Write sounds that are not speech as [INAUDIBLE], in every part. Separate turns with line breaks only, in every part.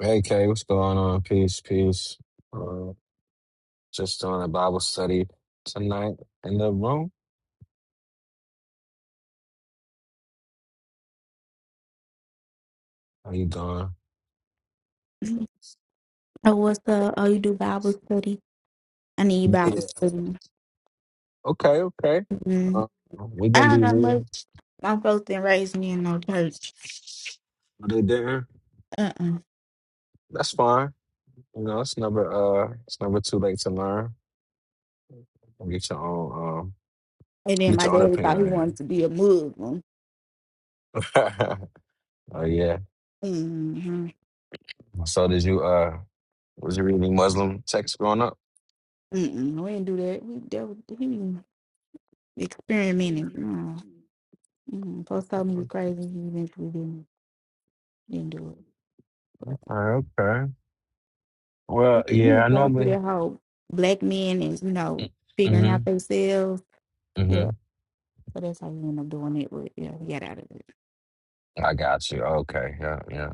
Hey Kay, what's going on? Peace, peace. Uh, just doing a Bible study tonight in the room. How you doing?
Oh, what's the oh you do Bible study? I need Bible
Yeah.
study.
Okay, okay.
mm
Uh, we're
I
gonna
don't
be
know much.
reading.
My folks didn't raise me in no church.
Are they there?
Uh uh
That's fine. You know, it's never uh, it's never too late to learn. Get your own um,
And then
get
my
your own
daddy thought he
opinion.
wanted
in.
to be a Muslim.
[LAUGHS] Oh yeah.
Mm-hmm.
So did you uh, was you reading Muslim texts growing up?
Mm-mm, no, we didn't do that. We dealt with him experimenting. Mm.
Okay,
Mm. Post told me he was crazy. He eventually didn't didn't do it. But
okay. Well,
he
yeah,
was
I
going through
normally.
that whole black men and you know figuring
Mm-hmm.
out themselves.
mm-hmm.
Yeah, so that's how he ended up doing it. But yeah, he got out of
I got you. Okay. Yeah. Yeah.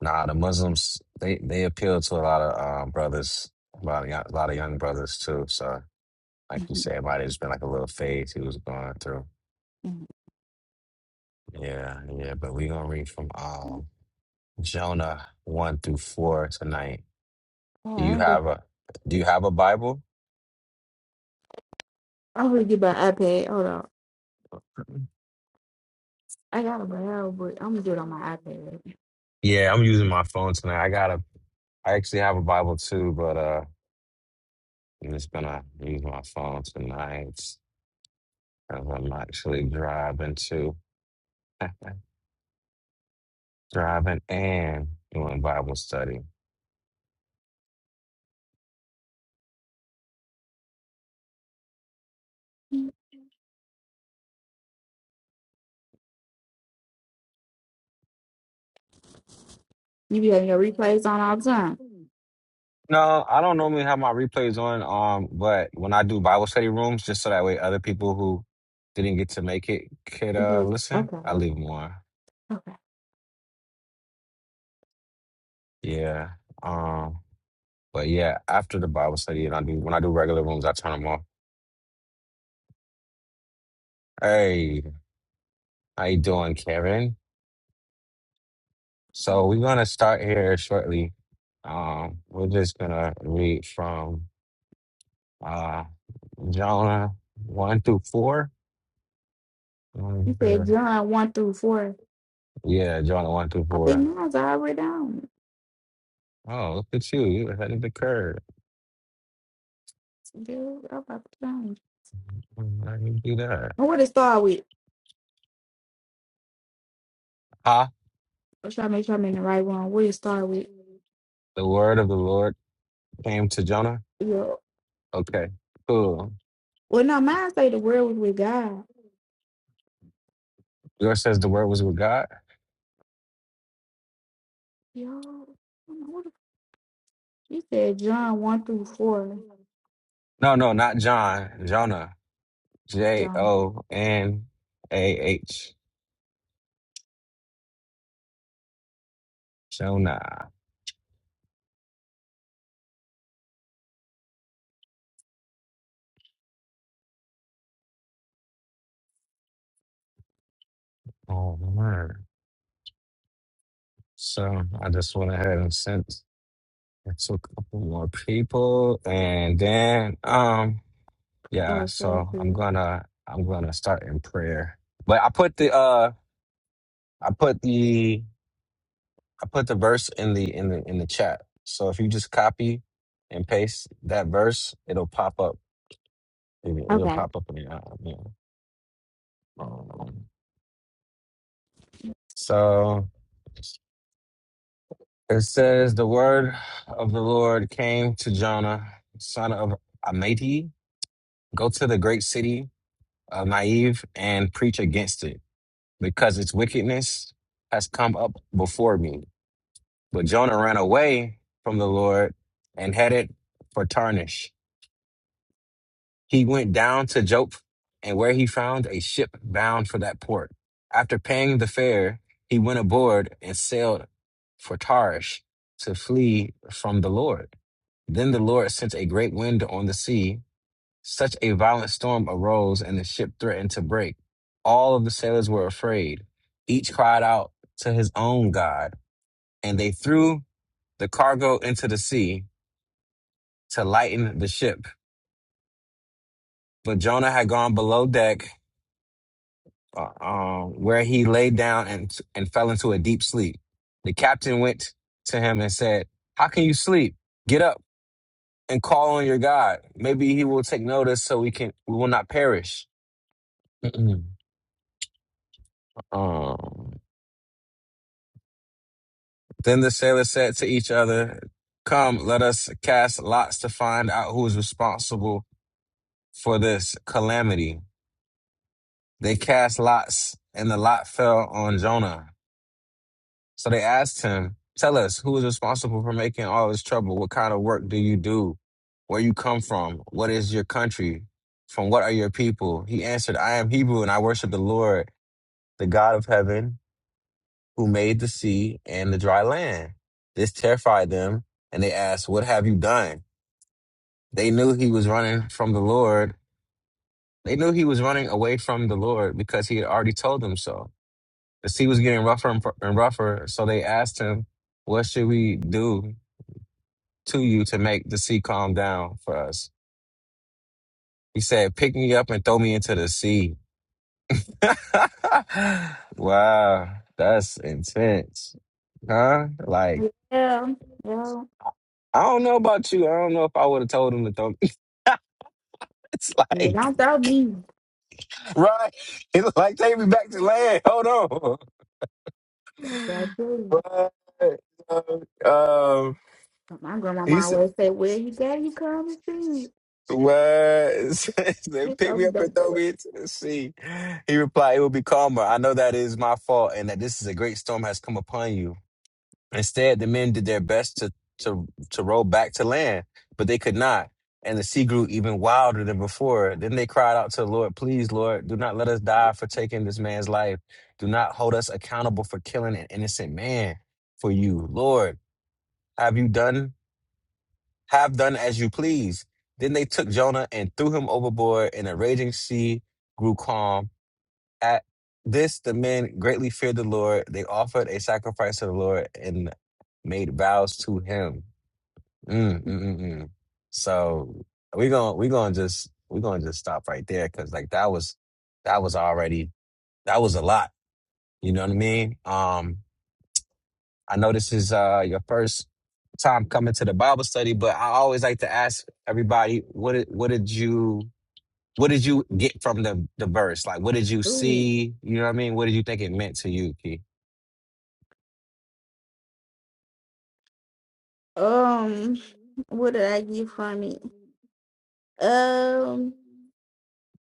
Nah, the Muslims they they appeal to a lot of um, brothers, a lot of, young, a lot of young brothers too. So, like
it.
you
[LAUGHS]
said, it might have just been like a little phase he was going through.
Mhm,
Yeah. Yeah. But we gonna read from
mhm.
um, Jonah one through four tonight.
All
Do
right,
you
I'm gonna
have a Do you have a Bible?
I'm gonna get my iPad. Hold on, I got a bell, but I'm gonna do it on my iPad.
Yeah, I'm using my phone tonight. I got a. I actually have a Bible too, but uh, I'm just gonna use my phone tonight. 'cause I'm actually driving too. [LAUGHS] driving and doing Bible study.
You be having your replays on all the time.
No, I don't normally have my replays on, um, but when I do Bible study rooms, just so that way other people who didn't get to make it could uh
Mhm.
listen, I
Okay,
leave them on.
okay.
Yeah. Um, but yeah, after the Bible study and I do when I do regular rooms, I turn them off. Hey, how you doing, Karen? So we're gonna start here shortly. Um, we're just gonna read from uh Jonah 1 through 4. Um,
You said
sure.
John one through four.
Yeah, Jonah 1 through
I
4.
think mine's already on.
Oh, look at you. You're ahead of the curve.
Girl, I'm about to change.
Why did you do that?
And what it start with?
Huh?
I'm trying to make sure I'm in the right one. What it start with?
The word of the Lord came to Jonah?
Yo.
Okay, cool.
Well, no, mine say the world was with God.
Yours says the word was with God?
Yo. What the, you said John 1 through 4,
No, no, not John. Jonah. J
John.
O N A H. Jonah. Oh, my word. So I just went ahead and sent it to a couple more people. And then, um, Yeah,
Oh, sorry.
so I'm
sorry.
gonna I'm gonna start in prayer. But I put the uh I put the I put the verse in the in the in the chat. So if you just copy and paste that verse, it'll pop up. It'll, it'll
Okay.
pop up in your. uh, you know, um, So it says the word of the Lord came to Jonah, son of Amittai, go to the great city of Naive and preach against it, because its wickedness has come up before me. But Jonah ran away from the Lord and headed for Tarshish. He went down to Joppa, and where he found a ship bound for that port. After paying the fare, he went aboard and sailed for Tarshish to flee from the Lord. Then the Lord sent a great wind on the sea. Such a violent storm arose, and the ship threatened to break. All of the sailors were afraid. Each cried out to his own God, and they threw the cargo into the sea. to lighten the ship. But Jonah had gone below deck, uh, uh, where he lay down and and fell into a deep sleep. The captain went to him and said, "How can you sleep? Get up and call on your God. Maybe He will take notice, so we can we will not perish." Mm-mm. Um, then the sailors said to each other, Come, let us cast lots to find out who is responsible for this calamity. They cast lots, and the lot fell on Jonah. So they asked him, Tell us, who is responsible for making all this trouble? What kind of work do you do? Where you come from? What is your country? From what are your people? He answered, I am Hebrew and I worship the Lord, the God of heaven, who made the sea and the dry land. This terrified them, and they asked, What have you done? They knew he was running from the Lord. They knew he was running away from the Lord because he had already told them so. The sea was getting rougher and and rougher, so they asked him, What should we do to you to make the sea calm down for us. He said, Pick me up and throw me into the sea. [LAUGHS] wow, that's intense. Huh? Like,
Yeah. Yeah.
I don't know about you. I don't know if I would have told him to throw me. [LAUGHS] it's
yeah
like,
don't throw me.
right? It's like, take me back to land. Hold on.
That's what I do.
But, um, um,
My
he
grandmama always say, where you got you come and see it.
What? [LAUGHS] they
It's
picked
so
me
we
up and
don't
throw
do it.
me into the sea. He replied, It will be calmer. I know that it is my fault and that this is a great storm has come upon you. Instead, the men did their best to, to, to row back to land, but they could not. And the sea grew even wilder than before. Then they cried out to the Lord, Please, Lord, do not let us die for taking this man's life. Do not hold us accountable for killing an innocent man for you. Lord, have you done have done as you please. Then they took Jonah and threw him overboard, and a raging sea grew calm. At this, the men greatly feared the Lord. They offered a sacrifice to the Lord and made vows to him. Mm, mm, mm, mm. So we're gonna we're gonna just we're gonna just stop right there because like that was that was already that was a lot. You know what I mean? Um I know this is uh, your first time coming to the Bible study, but I always like to ask everybody, what did, what did you what did you get from the the verse? Like, what did you
Ooh.
see? You know what I mean? What did you think it meant to you, Key?
Um, what did I get from it? Um,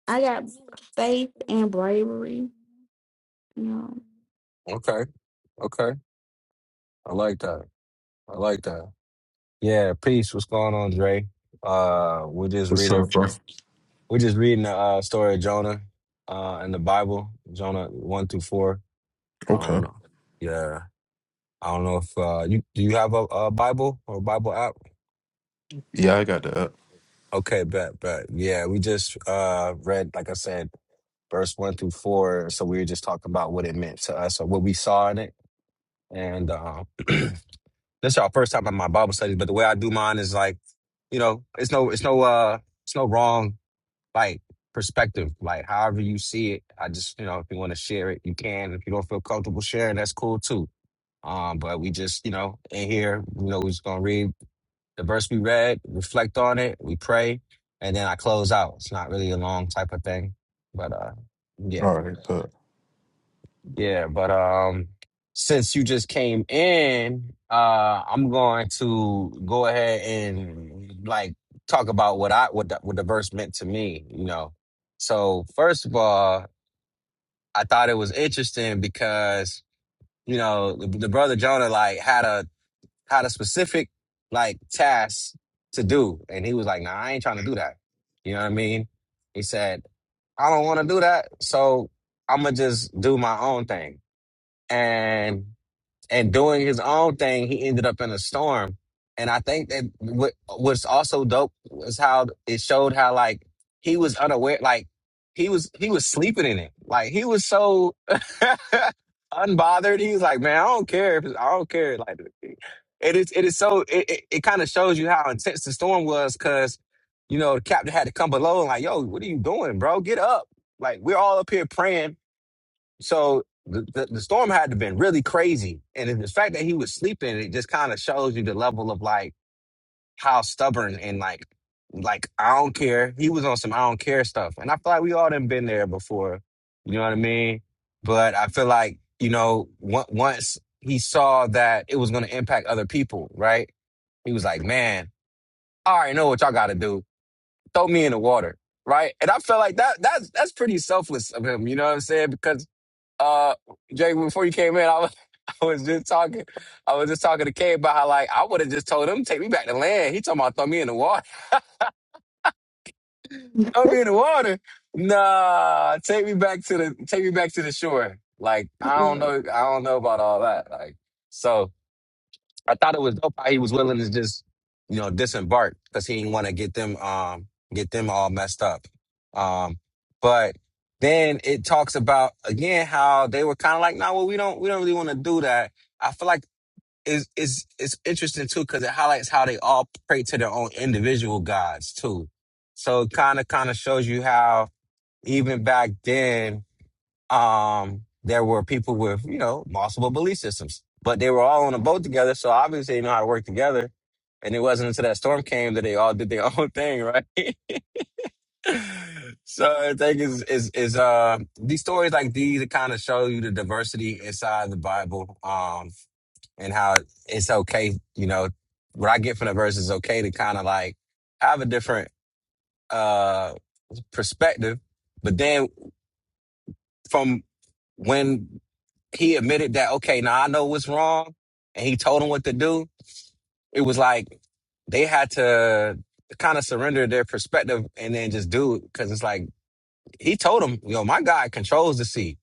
I got faith and bravery. You
Okay, okay. I like that. I like that. Yeah, peace. What's going on, Dre? Uh, we're just
What's
reading
up, bro?
from we're just reading the uh, story of Jonah uh, in the Bible, Jonah one through four. I don't
Okay.
know. Yeah, I don't know if uh, you do you have a, a Bible or a Bible app?
Yeah, I got that.
Okay, bet, bet. Yeah, we just uh read, like I said, verse one through four. So we were just talking about what it meant to us or what we saw in it. And um [CLEARS THROAT] this is our first time at my Bible studies, but the way I do mine is like, you know, it's no it's no uh it's no wrong like perspective. Like however you see it, I just, you know, if you want to share it, you can. If you don't feel comfortable sharing, that's cool too. Um, but we just, you know, in here, you know, we're just gonna read the verse we read, reflect on it, we pray, and then I close out. It's not really a long type of thing, but uh, yeah,
All right, but
yeah. But um, since you just came in, uh, I'm going to go ahead and like talk about what I what the, what the verse meant to me. You know, so first of all, I thought it was interesting because you know the, the brother Jonah like had a had a specific like task to do. And he was like, nah, I ain't trying to do that. You know what I mean? He said, I don't want to do that. So I'm going to just do my own thing. And and doing his own thing, he ended up in a storm. And I think that what what's also dope was how it showed how like he was unaware, like he was he was sleeping in it, like he was so [LAUGHS] unbothered. He was like, man, I don't care if it's, I don't care. Like it is it is so it it, it kind of shows you how intense the storm was because you know the captain had to come below and like, yo, what are you doing, bro? Get up! Like we're all up here praying so the, the, the storm had to have been really crazy. And then the fact that he was sleeping, it just kind of shows you the level of like how stubborn and like, like, I don't care. He was on some I don't care stuff. And I feel like we all done been there before. You know what I mean? But I feel like, you know, on- once he saw that it was going to impact other people, right? He was like, man, I already know what y'all got to do. Throw me in the water. Right. And I felt like that, that's, that's pretty selfless of him. You know what I'm saying? Because uh Jake, before you came in, I was [LAUGHS] I was just talking I was just talking to Kay about how like I would have just told him, take me back to land. He talking about throw me in the water. [LAUGHS] Throw me in the water. Nah, take me back to the take me back to the shore. Like, I don't
know.
know I don't know about all that. Like so I thought it was dope how he was willing to just, you know, disembark because he didn't want to get them um get them all messed up. Um, but then it talks about again how they were kind of like, no, nah, well, we don't we don't really want to do that. I feel like it's, it's, it's interesting too because it highlights how they all pray to their own individual gods too. So it kind of kind of shows you how even back then um, there were people with, you know, multiple belief systems, but they were all on a boat together. So obviously they know how to work together. And it wasn't until that storm came that they all did their [LAUGHS] own thing, right? [LAUGHS] so I think is is is uh these stories like these that kind of show you the diversity inside the Bible, um, and how it's okay, you know, what I get from the verse is okay to kind of like have a different uh perspective. But then from when he admitted that, okay, now I know what's wrong, and he told him what to do, it was like they had to kind of surrender their perspective and then just do it. Cause it's like, he told him, yo, my God controls the sea.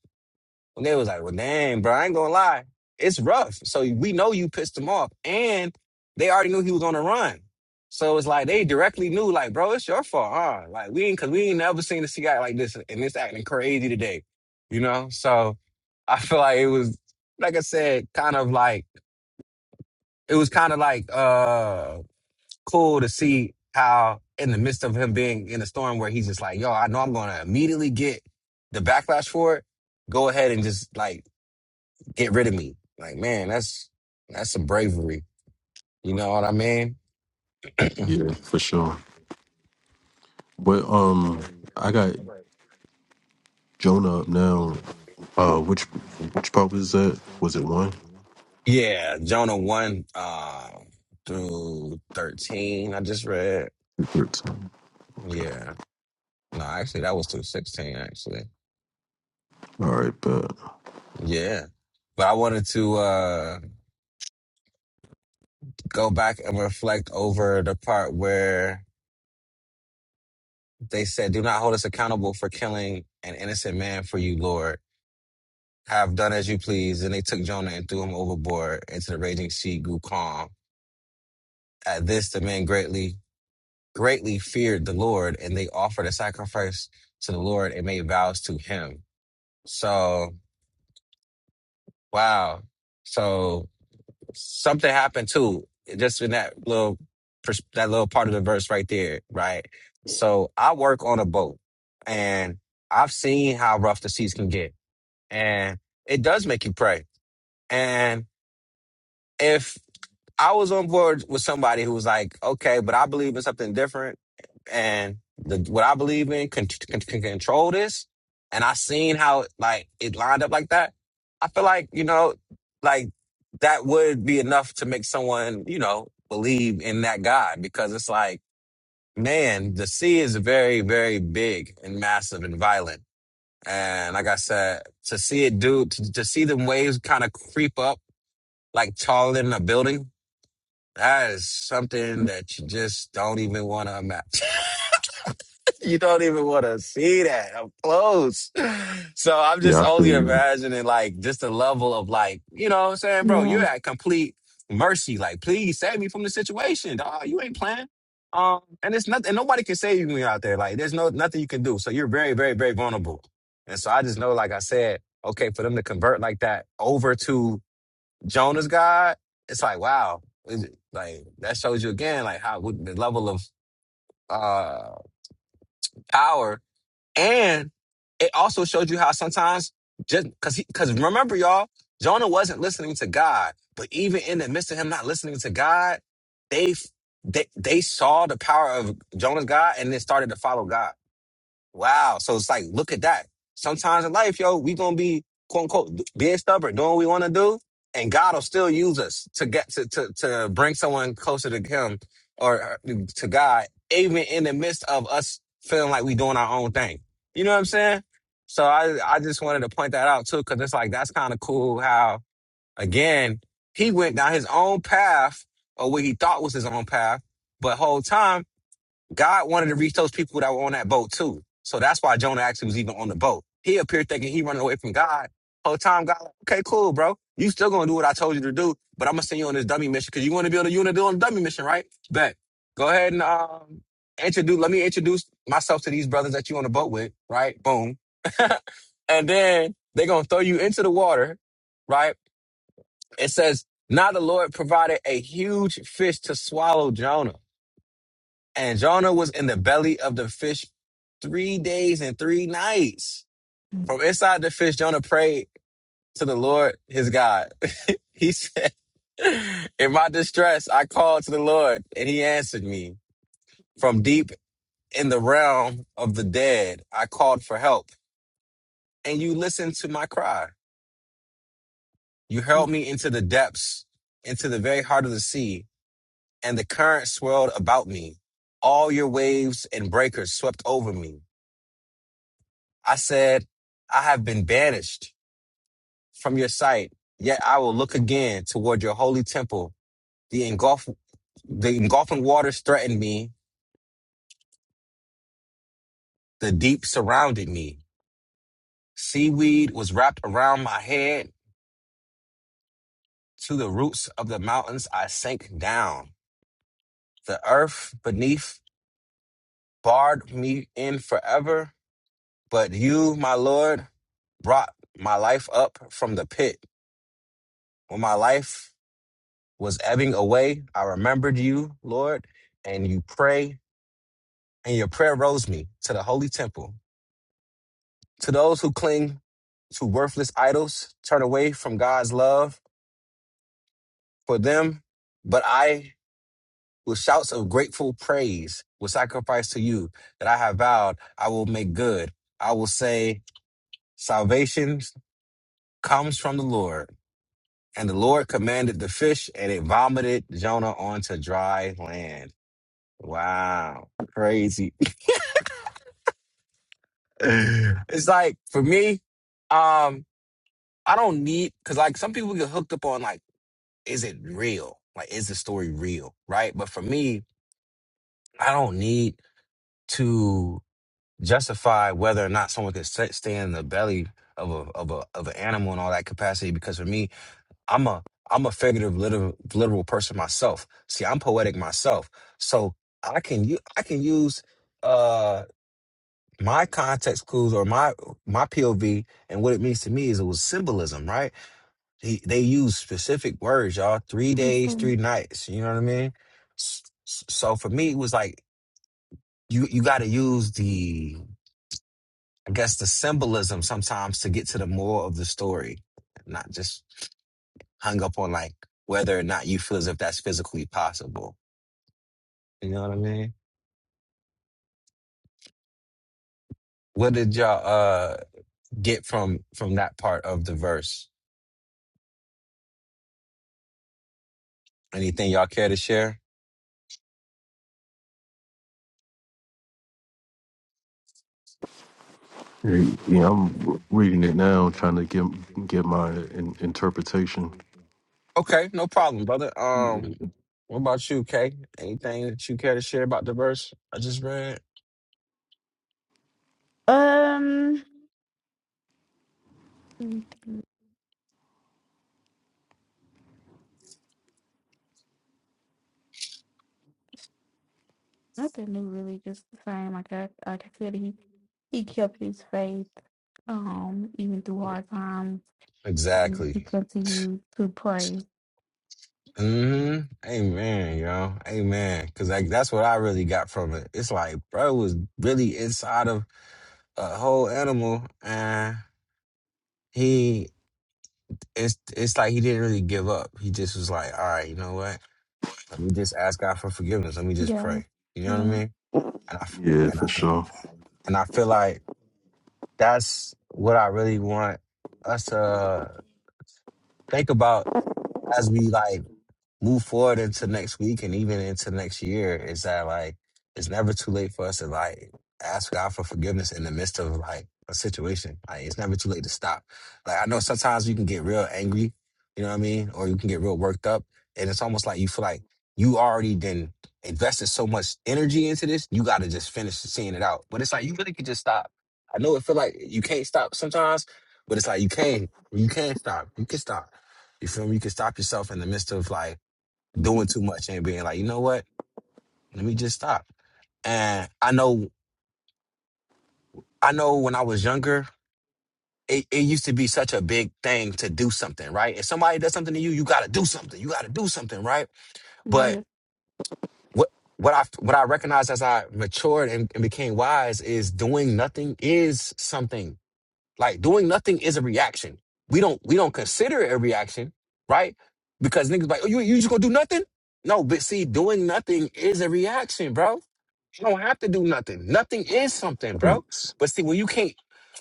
And they was like, well, dang, bro, I ain't gonna lie. It's rough. So we know you pissed him off. And they already knew he was on the run. So it's like they directly knew, like, bro, it's your fault, huh? Like we ain't cause we ain't never seen a guy like this and this acting crazy today. You know? So I feel like it was like I said, kind of like it was kind of like uh cool to see how in the midst of him being in a storm where he's just like, yo, I know I'm gonna immediately get the backlash for it go ahead and just like get rid of me. Like, man, that's that's some bravery. You know what I mean?
yeah, for sure. But um, I got Jonah up now. Uh, which which part was that? Was it one?
Yeah, Jonah one uh, through thirteen. I just read.
Thirteen. Okay.
Yeah, no, actually, that was through sixteen. Actually,
All right, but
yeah. But I wanted to uh, go back and reflect over the part where they said, "Do not hold us accountable for killing an innocent man for you, Lord." Have done as you please. And they took Jonah and threw him overboard into the raging sea, grew calm. At this, the men greatly, greatly feared the Lord, and they offered a sacrifice to the Lord and made vows to him. So, wow. So something happened too, just in that little, pers- that little part of the verse right there, right? So I work on a boat and I've seen how rough the seas can get and it does make you pray. And, if I was on board with somebody who was like, okay, but I believe in something different, and the, what I believe in can, can, can control this. And I seen how like it lined up like that. I feel like you know, like that would be enough to make someone you know believe in that God because it's like, man, the sea is very, very big and massive and violent. And like I said, to see it do, to, to see the waves kind of creep up like taller than a building that is something that you just don't even want to imagine. [LAUGHS] you don't even want to see that up close. So I'm just
yeah, I
only
feel you.
imagining like just the level of like, you know what I'm saying, bro, you're
Yeah.
at complete mercy. Like, please save me from the situation. Dog, you ain't playing. Um, and it's nothing, and nobody can save you out there. Like, there's no nothing you can do. So you're very, very, very vulnerable. And so I just know, like I said, okay, for them to convert like that over to Jonah's God, it's like wow, Is it- like that shows you again like how what, the level of uh power, and it also showed you how sometimes just because he because remember y'all, Jonah wasn't listening to God, but even in the midst of him not listening to God, they f- they they saw the power of Jonah's God and then started to follow God. Wow. So it's like, look at that. Sometimes in life, yo, we gonna be quote unquote being stubborn, doing what we wanna do, and God will still use us to get to to to bring someone closer to Him or uh, to God, even in the midst of us feeling like we doing our own thing. You know what I'm saying? So I I just wanted to point that out too, because it's like that's kind of cool how again he went down his own path or what he thought was his own path, but whole time God wanted to reach those people that were on that boat too. So that's why Jonah actually was even on the boat. He appeared thinking he running away from God. Whole time God, like, okay, cool, bro. You still gonna do what I told you to do, but I'm gonna send you on this dummy mission because you want to be on the unit on a dummy mission, right? Bet. Go ahead and um introduce. Let me introduce myself to these brothers that you on the boat with, right? Boom. [LAUGHS] and then they gonna throw you into the water, right? It says, now the Lord provided a huge fish to swallow Jonah. And Jonah was in the belly of the fish three days and three nights. From
Yeah.
inside the fish, Jonah prayed to the Lord his God. [LAUGHS] He said, In my distress, I called to the Lord, and he answered me. From deep in the realm of the dead, I called for help, and you listened to my cry. You hurled me into the depths, into the very heart of the sea, and the current swirled about me. All your waves and breakers swept over me. I said, I have been banished from your sight, yet I will look again toward your holy temple. The engulf, the engulfing waters threatened me. The deep surrounded me. Seaweed was wrapped around my head. To the roots of the mountains, I sank down. The earth beneath barred me in forever. But you, my Lord, brought my life up from the pit. When my life was ebbing away, I remembered you, Lord, and you pray, and your prayer rose me to the holy temple. To those who cling to worthless idols, turn away from God's love for them, but I, with shouts of grateful praise, will sacrifice to you that I have vowed I will make good. I will say, salvation comes from the Lord. And the Lord commanded the fish, and it vomited Jonah onto dry land. Wow. Crazy [LAUGHS] it's like for me, um, I don't need because like some people get hooked up on like, is it real? Like, is the story real? Right? But for me, I don't need to justify whether or not someone could sta- stay in the belly of a of a of an animal and all that capacity. Because for me, I'm a I'm a figurative literal literal person myself. See, I'm poetic myself, so I can u- I can use. uh, my context clues or my my POV and what it means to me is it was symbolism, right? He, they use specific words, y'all. Three
Yes,
days, three nights. You know what I mean? S- s- So for me, it was like you you got to use the I guess the symbolism sometimes to get to the more of the story, not just hung up on like whether or not you feel as if that's physically possible. You know what I mean? What did y'all uh get from from that part of the verse? Anything y'all care to share? [LAUGHS]
Yeah, I'm reading it now, trying to get get my in, interpretation.
Okay, no problem, brother. Um, what about you, Kay? Anything that you care to share about the verse I just read?
Um. Nothing new, really. Just the same. Like I, like I said, he he kept his faith. Um, even through hard times, he
Exactly.
continued to pray.
hmm Amen, yo. Amen. Cause like that's what I really got from it. It's like, bro was really inside of a whole animal and he it's it's like he didn't really give up. He just was like, all right, you know what? Let me just ask God for forgiveness. Let me just
Yeah.
pray. You know what I mean? And I f-
Yeah,
and I,
for sure.
and I feel like that's what I really want us to think about as we like move forward into next week and even into next year is that like it's never too late for us to like ask God for forgiveness in the midst of like a situation. Like it's never too late to stop. Like I know sometimes you can get real angry, you know what I mean? Or you can get real worked up. And it's almost like you feel like you already then invested so much energy into this, you gotta just finish seeing it out. But it's like you really could just stop. I know it feel like you can't stop sometimes, but it's like you can. You can stop. You can stop. You feel me? You can stop yourself in the midst of like doing too much and being like, you know what? Let me just stop. And I know, I know when I was younger, it, it used to be such a big thing to do something, right? If somebody does something to you, you gotta do something. You gotta do something, right?
Yeah.
But what what I what I recognized as I matured and, and became wise is doing nothing is something. Like doing nothing is a reaction. We don't we don't consider it a reaction, right? Because niggas like, oh, you you just gonna do nothing? No, but see, doing nothing is a reaction, bro You don't have to do nothing. Nothing is something, bro. But see, when you can't,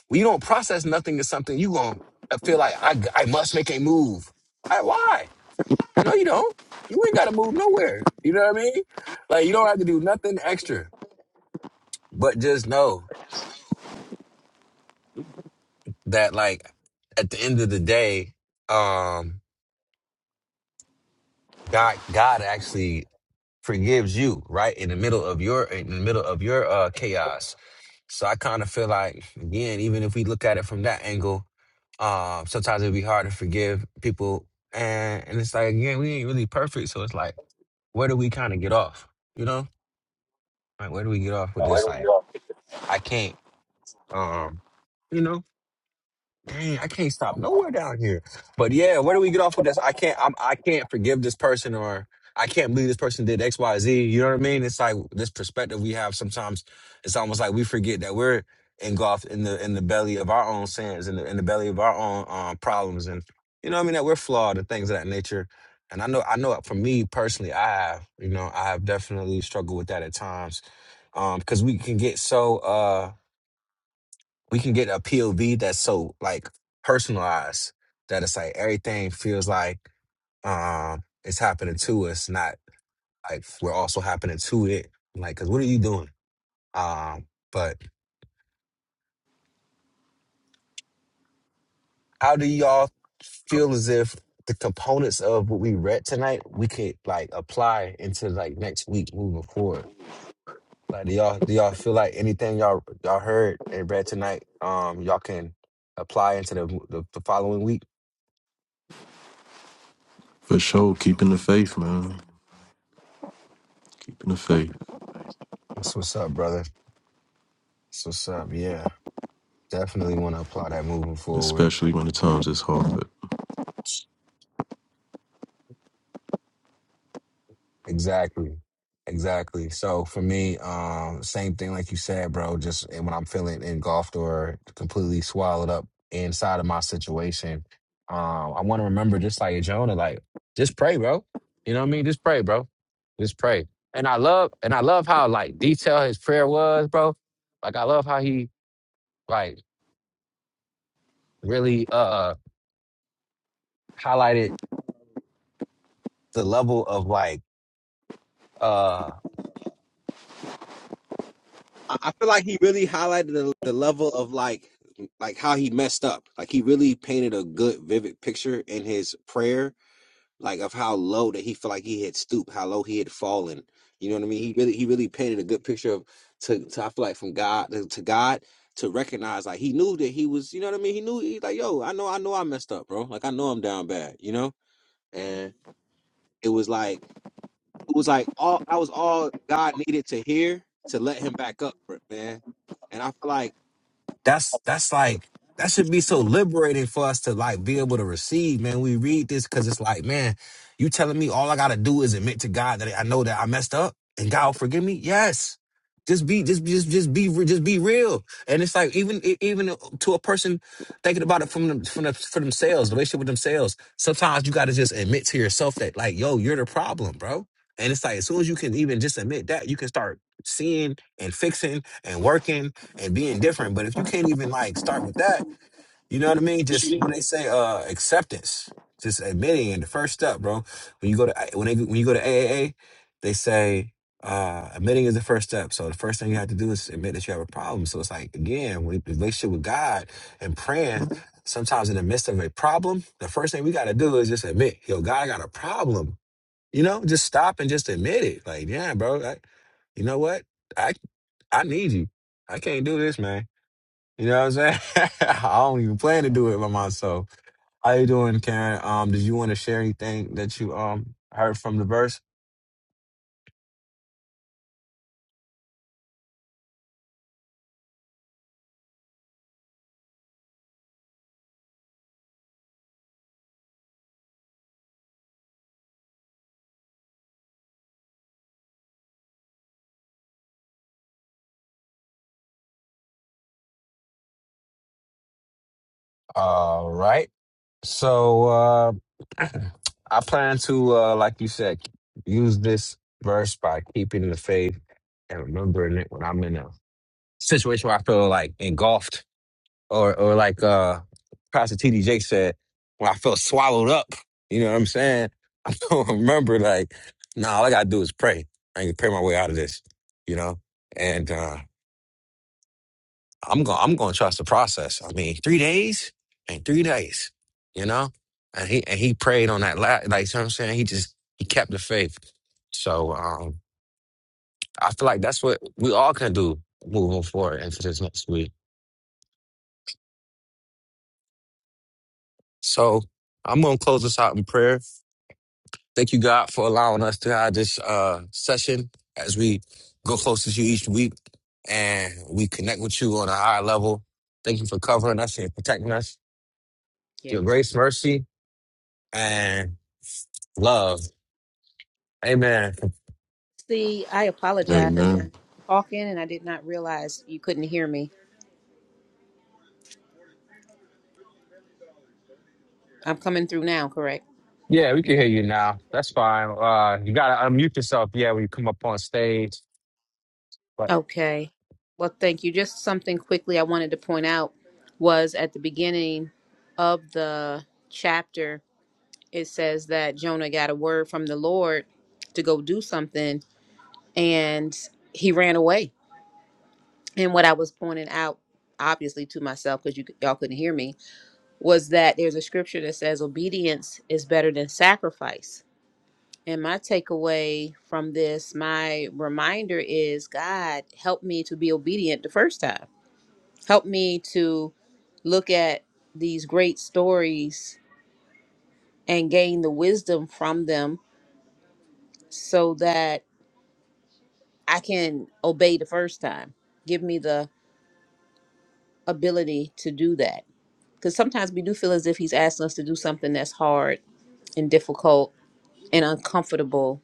when you don't process nothing as something, you going to feel like I, I must make a move. I, why? No, you don't. You ain't got to move nowhere. You know what I mean? Like, you don't have to do nothing extra, but just know that, like, at the end of the day, um, God God actually forgives you right in the middle of your in the middle of your uh chaos. So I kind of feel like again, even if we look at it from that angle, um, sometimes it'd be hard to forgive people, and and it's like again, we ain't really perfect, so it's like, where do we kind of get off? You know, like where do we get off with this? Like I can't, um, you know dang, I can't stop nowhere down here. But yeah, where do we get off with this? I can't, I'm, I can't forgive this person, or I can't believe this person did X, Y, Z. You know what I mean? It's like this perspective we have sometimes. It's almost like we forget that we're engulfed in the in the belly of our own sins, in the in the belly of our own um, problems, and you know what I mean. That we're flawed and things of that nature. And I know, I know, for me personally, I have, you know, I have definitely struggled with that at times, because we can get so. uh we can get a POV that's so like personalized that it's like everything feels like um it's happening to us, not like we're also happening to it. Like, 'cause what are you doing? Um, but how do y'all feel as if the components of what we read tonight we could like apply into like next week moving forward? Like, do y'all do y'all feel like anything y'all y'all heard and read tonight, um, y'all can apply into the the, the following week?
For sure, keeping the faith, man. Keeping the faith,
That's what's up, brother. That's what's up. Yeah. Definitely want to apply that moving forward.
especially when the times is hard.
Exactly. Exactly. So for me, um, same thing like you said, bro. Just and when I'm feeling engulfed or completely swallowed up inside of my situation, um, I want to remember just like Jonah, like just pray, bro. You know what I mean? Just pray, bro. Just pray. And I love and I love how like detailed his prayer was, bro. Like I love how he like really uh uh, highlighted the level of like uh I, I feel like he really highlighted the, the level of like like how he messed up. Like he really painted a good vivid picture in his prayer, like of how low that he felt like he had stooped, how low he had fallen. You know what I mean? He really he really painted a good picture of to, to I feel like from God to God to recognize like he knew that he was, you know what I mean? He knew he like, yo, I know I know I messed up, bro. Like I know I'm down bad, you know? And it was like it was like all I was all God needed to hear to let him back up for it, man. And I feel like that's that's like that should be so liberating for us to like be able to receive, man. We read this because it's like, man, you telling me all I gotta do is admit to God that I know that I messed up and God will forgive me. Yes. Just be, just, just, just be, re- just be real. And it's like even, e- even to a person thinking about it from them, from the, for themselves, the relationship with themselves. Sometimes you got to just admit to yourself that, like, yo, you're the problem, bro. And it's like as soon as you can even just admit that, you can start seeing and fixing and working and being different. But if you can't even like start with that, you know what I mean? Just when they say uh acceptance, just admitting and the first step, bro. When you go to when they when you go to A A A, they say uh admitting is the first step. So the first thing you have to do is admit that you have a problem. So it's like again, when the relationship with God and praying, sometimes in the midst of a problem, the first thing we gotta do is just admit, yo, God I got a problem. You know, just stop and just admit it. Like, yeah, bro, I, you know what? I I need you. I can't do this, man you know what I'm saying? [LAUGHS] I don't even plan to do it by myself. How you doing, Karen? Um, did you want to share anything that you um heard from the verse? All right. So uh [CLEARS THROAT] I plan to uh like you said, use this verse by keeping the faith and remembering it when I'm in a situation where I feel like engulfed or or like uh Pastor T D J said, when I feel swallowed up. You know what I'm saying? [LAUGHS] remember, like, nah, all I gotta do is pray. I can pray my way out of this, you know. And uh, I'm going, I'm going to trust the process. I mean, three days and three days, you know. And he and he prayed on that, la- like, you know what I'm saying. He just he kept the faith. So um, I feel like that's what we all can do moving forward into this next week. So I'm gonna close this out in prayer. Thank you, God, for allowing us to have this uh, session as we go closer to you each week and we connect with you on a higher level. Thank you for covering us and protecting us. Your
Yes.
grace, mercy, and love. Amen.
See, I apologize.
Amen.
Talking and I did not realize you couldn't hear me. I'm coming through now, correct?
Yeah, we can hear you now. That's fine. Uh, you got to unmute yourself, yeah, when you come up on stage. But
Okay. Well, thank you. Just something quickly I wanted to point out was at the beginning of the chapter, it says that Jonah got a word from the Lord to go do something and he ran away. And what I was pointing out, obviously to myself, because you y'all couldn't hear me, was that there's a scripture that says obedience is better than sacrifice. And my takeaway from this, my reminder is God, help me to be obedient the first time. Help me to look at these great stories and gain the wisdom from them so that I can obey the first time. Give me the ability to do that. Because sometimes we do feel as if He's asking us to do something that's hard and difficult and uncomfortable,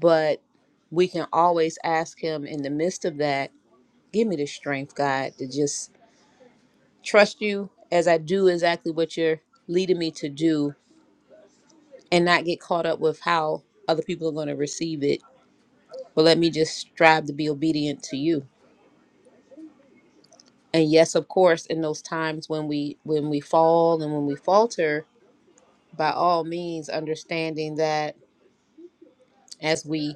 but we can always ask Him in the midst of that Give me the strength, God, to just trust you as I do exactly what you're leading me to do and not get caught up with how other people are going to receive it. But let me just strive to be obedient to you. And yes, of course, in those times when we when we fall and when we falter, by all means understanding that as we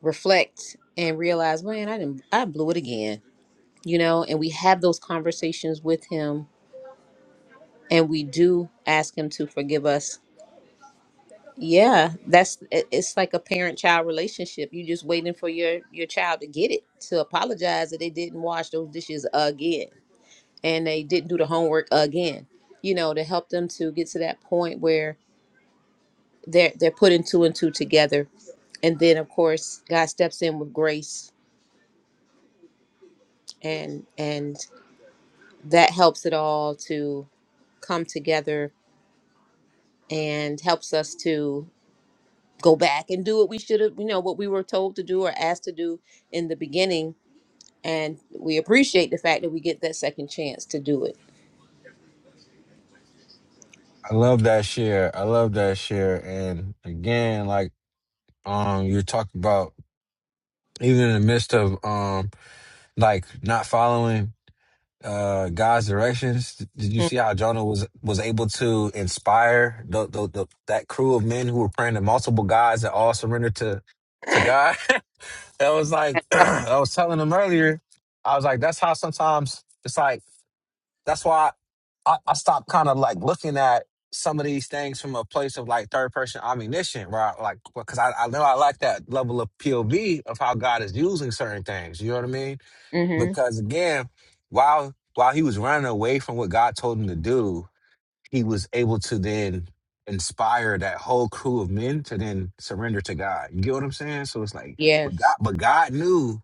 reflect and realize, man, I didn't I blew it again. You know, and we have those conversations with him and we do ask him to forgive us Yeah, that's it- it's like a parent-child relationship. You're just waiting for your your child to get it to apologize that they didn't wash those dishes again and they didn't do the homework again. You know, to help them to get to that point where they're they're putting two and two together, and then of course God steps in with grace and and that helps it all to come together and helps us to go back and do what we should have, you know, what we were told to do or asked to do in the beginning and we appreciate the fact that we get that second chance to do it.
I love that share. I love that share. And again, like um, you're talking about even in the midst of um, like not following. uh, God's directions. Did you see how Jonah was was able to inspire the, the, the that crew of men who were praying to multiple gods that all surrendered to to God? [LAUGHS] that was like [CLEARS THROAT] I was telling them earlier. I was like, that's how sometimes it's like that's why I, I stopped kind of like looking at some of these things from a place of like third person ammunition, right? Like because I, I know I like that level of POV of how God is using certain things. You know what I mean?
Mm-hmm.
because again, while while he was running away from what God told him to do, he was able to then inspire that whole crew of men to then surrender to God. You get what I'm saying? So it's like, but
Yes.
God, but God knew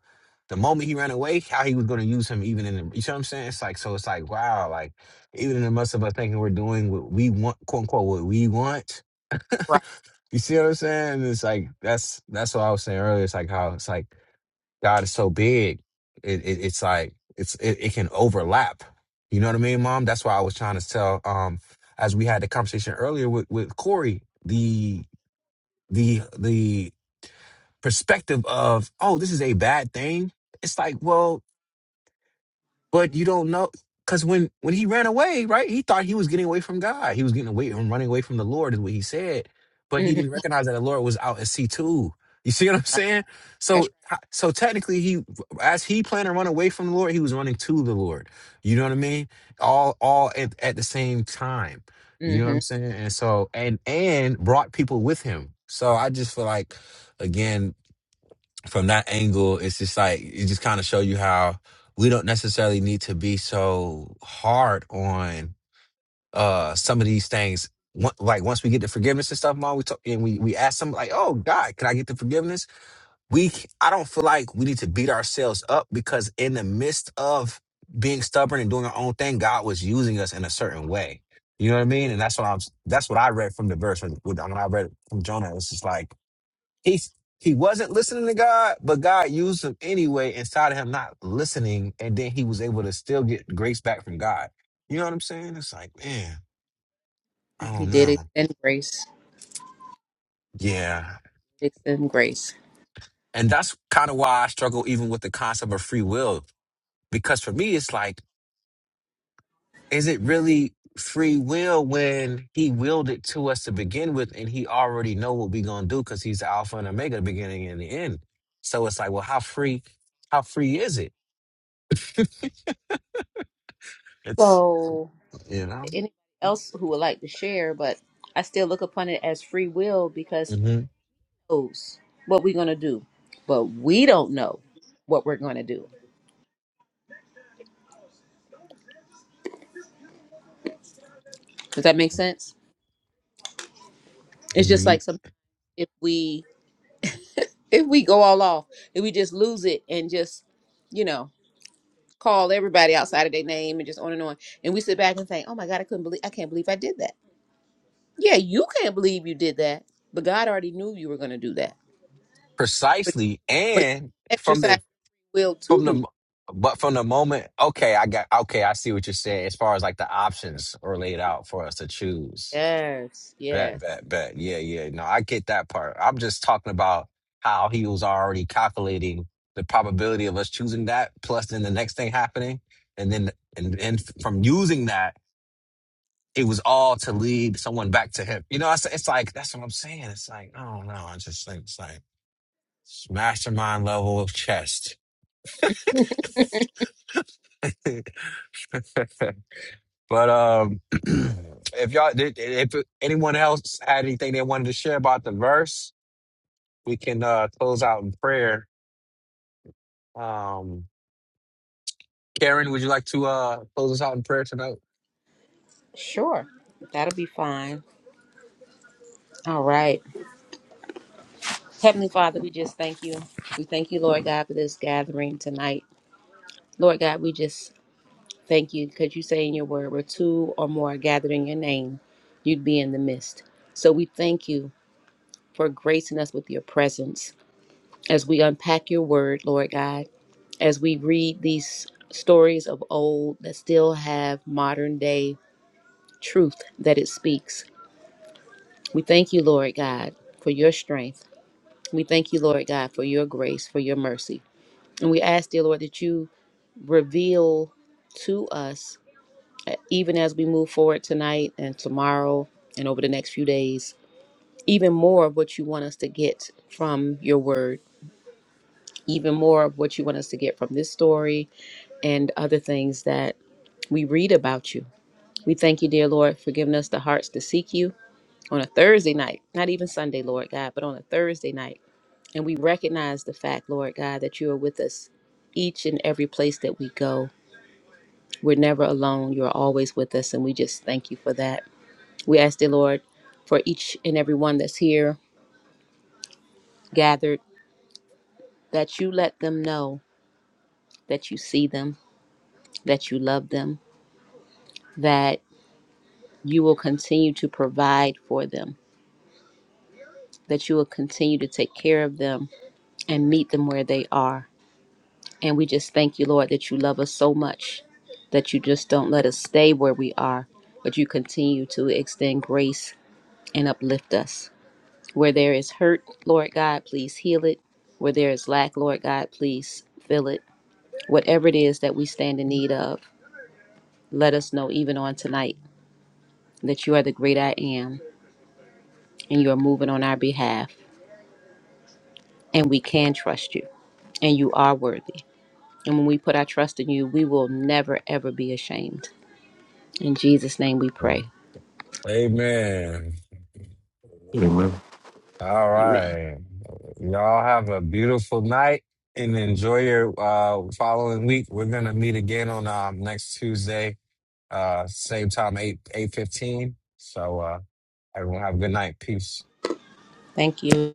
the moment he ran away how He was going to use him, even in the. You see what I'm saying? It's like so. It's like wow, like even in the midst of us thinking we're doing what we want, quote unquote, what we want.
Right.
You see what I'm saying? It's like that's that's what I was saying earlier. It's like how it's like God is so big, it, it it's like it's it, it can overlap. You know what I mean, Mom? That's why I was trying to tell. Um, as we had the conversation earlier with with Corey, the the the perspective of oh, this is a bad thing. It's like well, but you don't know because when when he ran away, right? He thought he was getting away from God. He was getting away from running away from the Lord, is what he said. But he
Mm-hmm.
didn't recognize that the Lord was out at C too. You see what I'm
Right.
saying?
That's
So so technically, he as he planned to run away from the Lord, he was running to the Lord. You know what I mean? All all at, at the same time.
right.
You know what I'm
Mm-hmm.
saying? And so and and brought people with him. So I just feel like again from that angle, it's just like it just kind of show you how we don't necessarily need to be so hard on uh some of these things. One- Like once we get the forgiveness and stuff, mom, we talk and we we ask them like, "Oh God, can I get the forgiveness?" We c- I don't feel like we need to beat ourselves up because in the midst of being stubborn and doing our own thing, God was using us in a certain way. You know what I mean? And that's what I'm. That's what I read from the verse when, when I read it from Jonah. It's just like he he wasn't listening to God, but God used him anyway inside of him not listening, and then he was able to still get grace back from God. You know what I'm saying? It's like, man, I
He
don't
did
know.
extend grace.
Yeah.
Extend grace.
And that's kind of why I struggle even with the concept of free will. Because for me, it's like, is it really free will when he willed it to us to begin with and he already know what we gonna do because he's the alpha and omega, the beginning and the end. So it's like, well, how free, how free is it? It's
So,
you know?
anyone else who would like to share? But I still look upon it as free will because
Mm-hmm.
who knows what we're gonna do, but we don't know what we're gonna do. Does that make sense? It's just
Ye-
like some if we if we go all off, if we just lose it and just you know. call everybody outside of their name and just on and on. And we sit back and think, "Oh my God, I couldn't believe I can't believe I did that." Yeah, you can't believe you did that, but God already knew you were going to do that. But
precisely
but
and from
exercise
the
your will to
from
do.
the but from the moment okay i got okay i see what you're saying as far as like the options are laid
It.
out for us to choose
Yes,
bet
yes,
bet bet yeah yeah no i get that part i'm just talking about how he was already calculating the probability of us choosing that plus then the next thing happening and then and, and from using that it was all to lead someone back to him you know it's, it's like that's what i'm saying it's like i don't know i just think it's like mastermind level of chest. [LAUGHS] but um, [CLEARS THROAT] if y'all, if anyone else had anything they wanted to share about the verse, we can uh, close out in prayer. Um, Karen, would you like to uh, close us out in prayer tonight?
sure, that'll be fine. All right, Heavenly Father, we just thank you. We thank you, Lord God, for this gathering tonight. Lord God, we just thank you because you say in your word, "Where two or more are gathered in your name, you'd be in the midst." So we thank you for gracing us with your presence. As we unpack your word, Lord God, as we read these stories of old that still have modern day truth that it speaks, we thank you, Lord God, for your strength. We thank you, Lord God, for your grace, for your mercy. And we ask, dear Lord, that you reveal to us, uh, even as we move forward tonight and tomorrow and over the next few days, even more of what you want us to get from your word even more of what you want us to get from this story and other things that we read about you. We thank you, dear Lord, for giving us the hearts to seek you on a Thursday night, not even Sunday, Lord God, but on a Thursday night. And we recognize the fact, Lord God, that you are with us each and every place that we go. We're never alone. You're always with us. And we just thank you for that. We ask, dear Lord, for each and every one that's here gathered, that you let them know that you see them, that you love them, that you will continue to provide for them, that you will continue to take care of them and meet them where they are. And we just thank you, Lord, that you love us so much that you just don't let us stay where we are, but you continue to extend grace and uplift us. Where there is hurt, Lord God, please heal it. Where there is lack, Lord God, please fill it. Whatever it is that we stand in need of, let us know even on tonight that you are the great I am and you are moving on our behalf and we can trust you. and you are worthy. And when we put our trust in you, we will never, ever be ashamed. In Jesus' name we pray.
Amen.
Amen.
All
Amen.
right, y'all have a beautiful night and enjoy your uh, following week. We're gonna meet again on um, next Tuesday. Uh, same time, eight eight fifteen. So uh, everyone have a good night. Peace.
Thank you.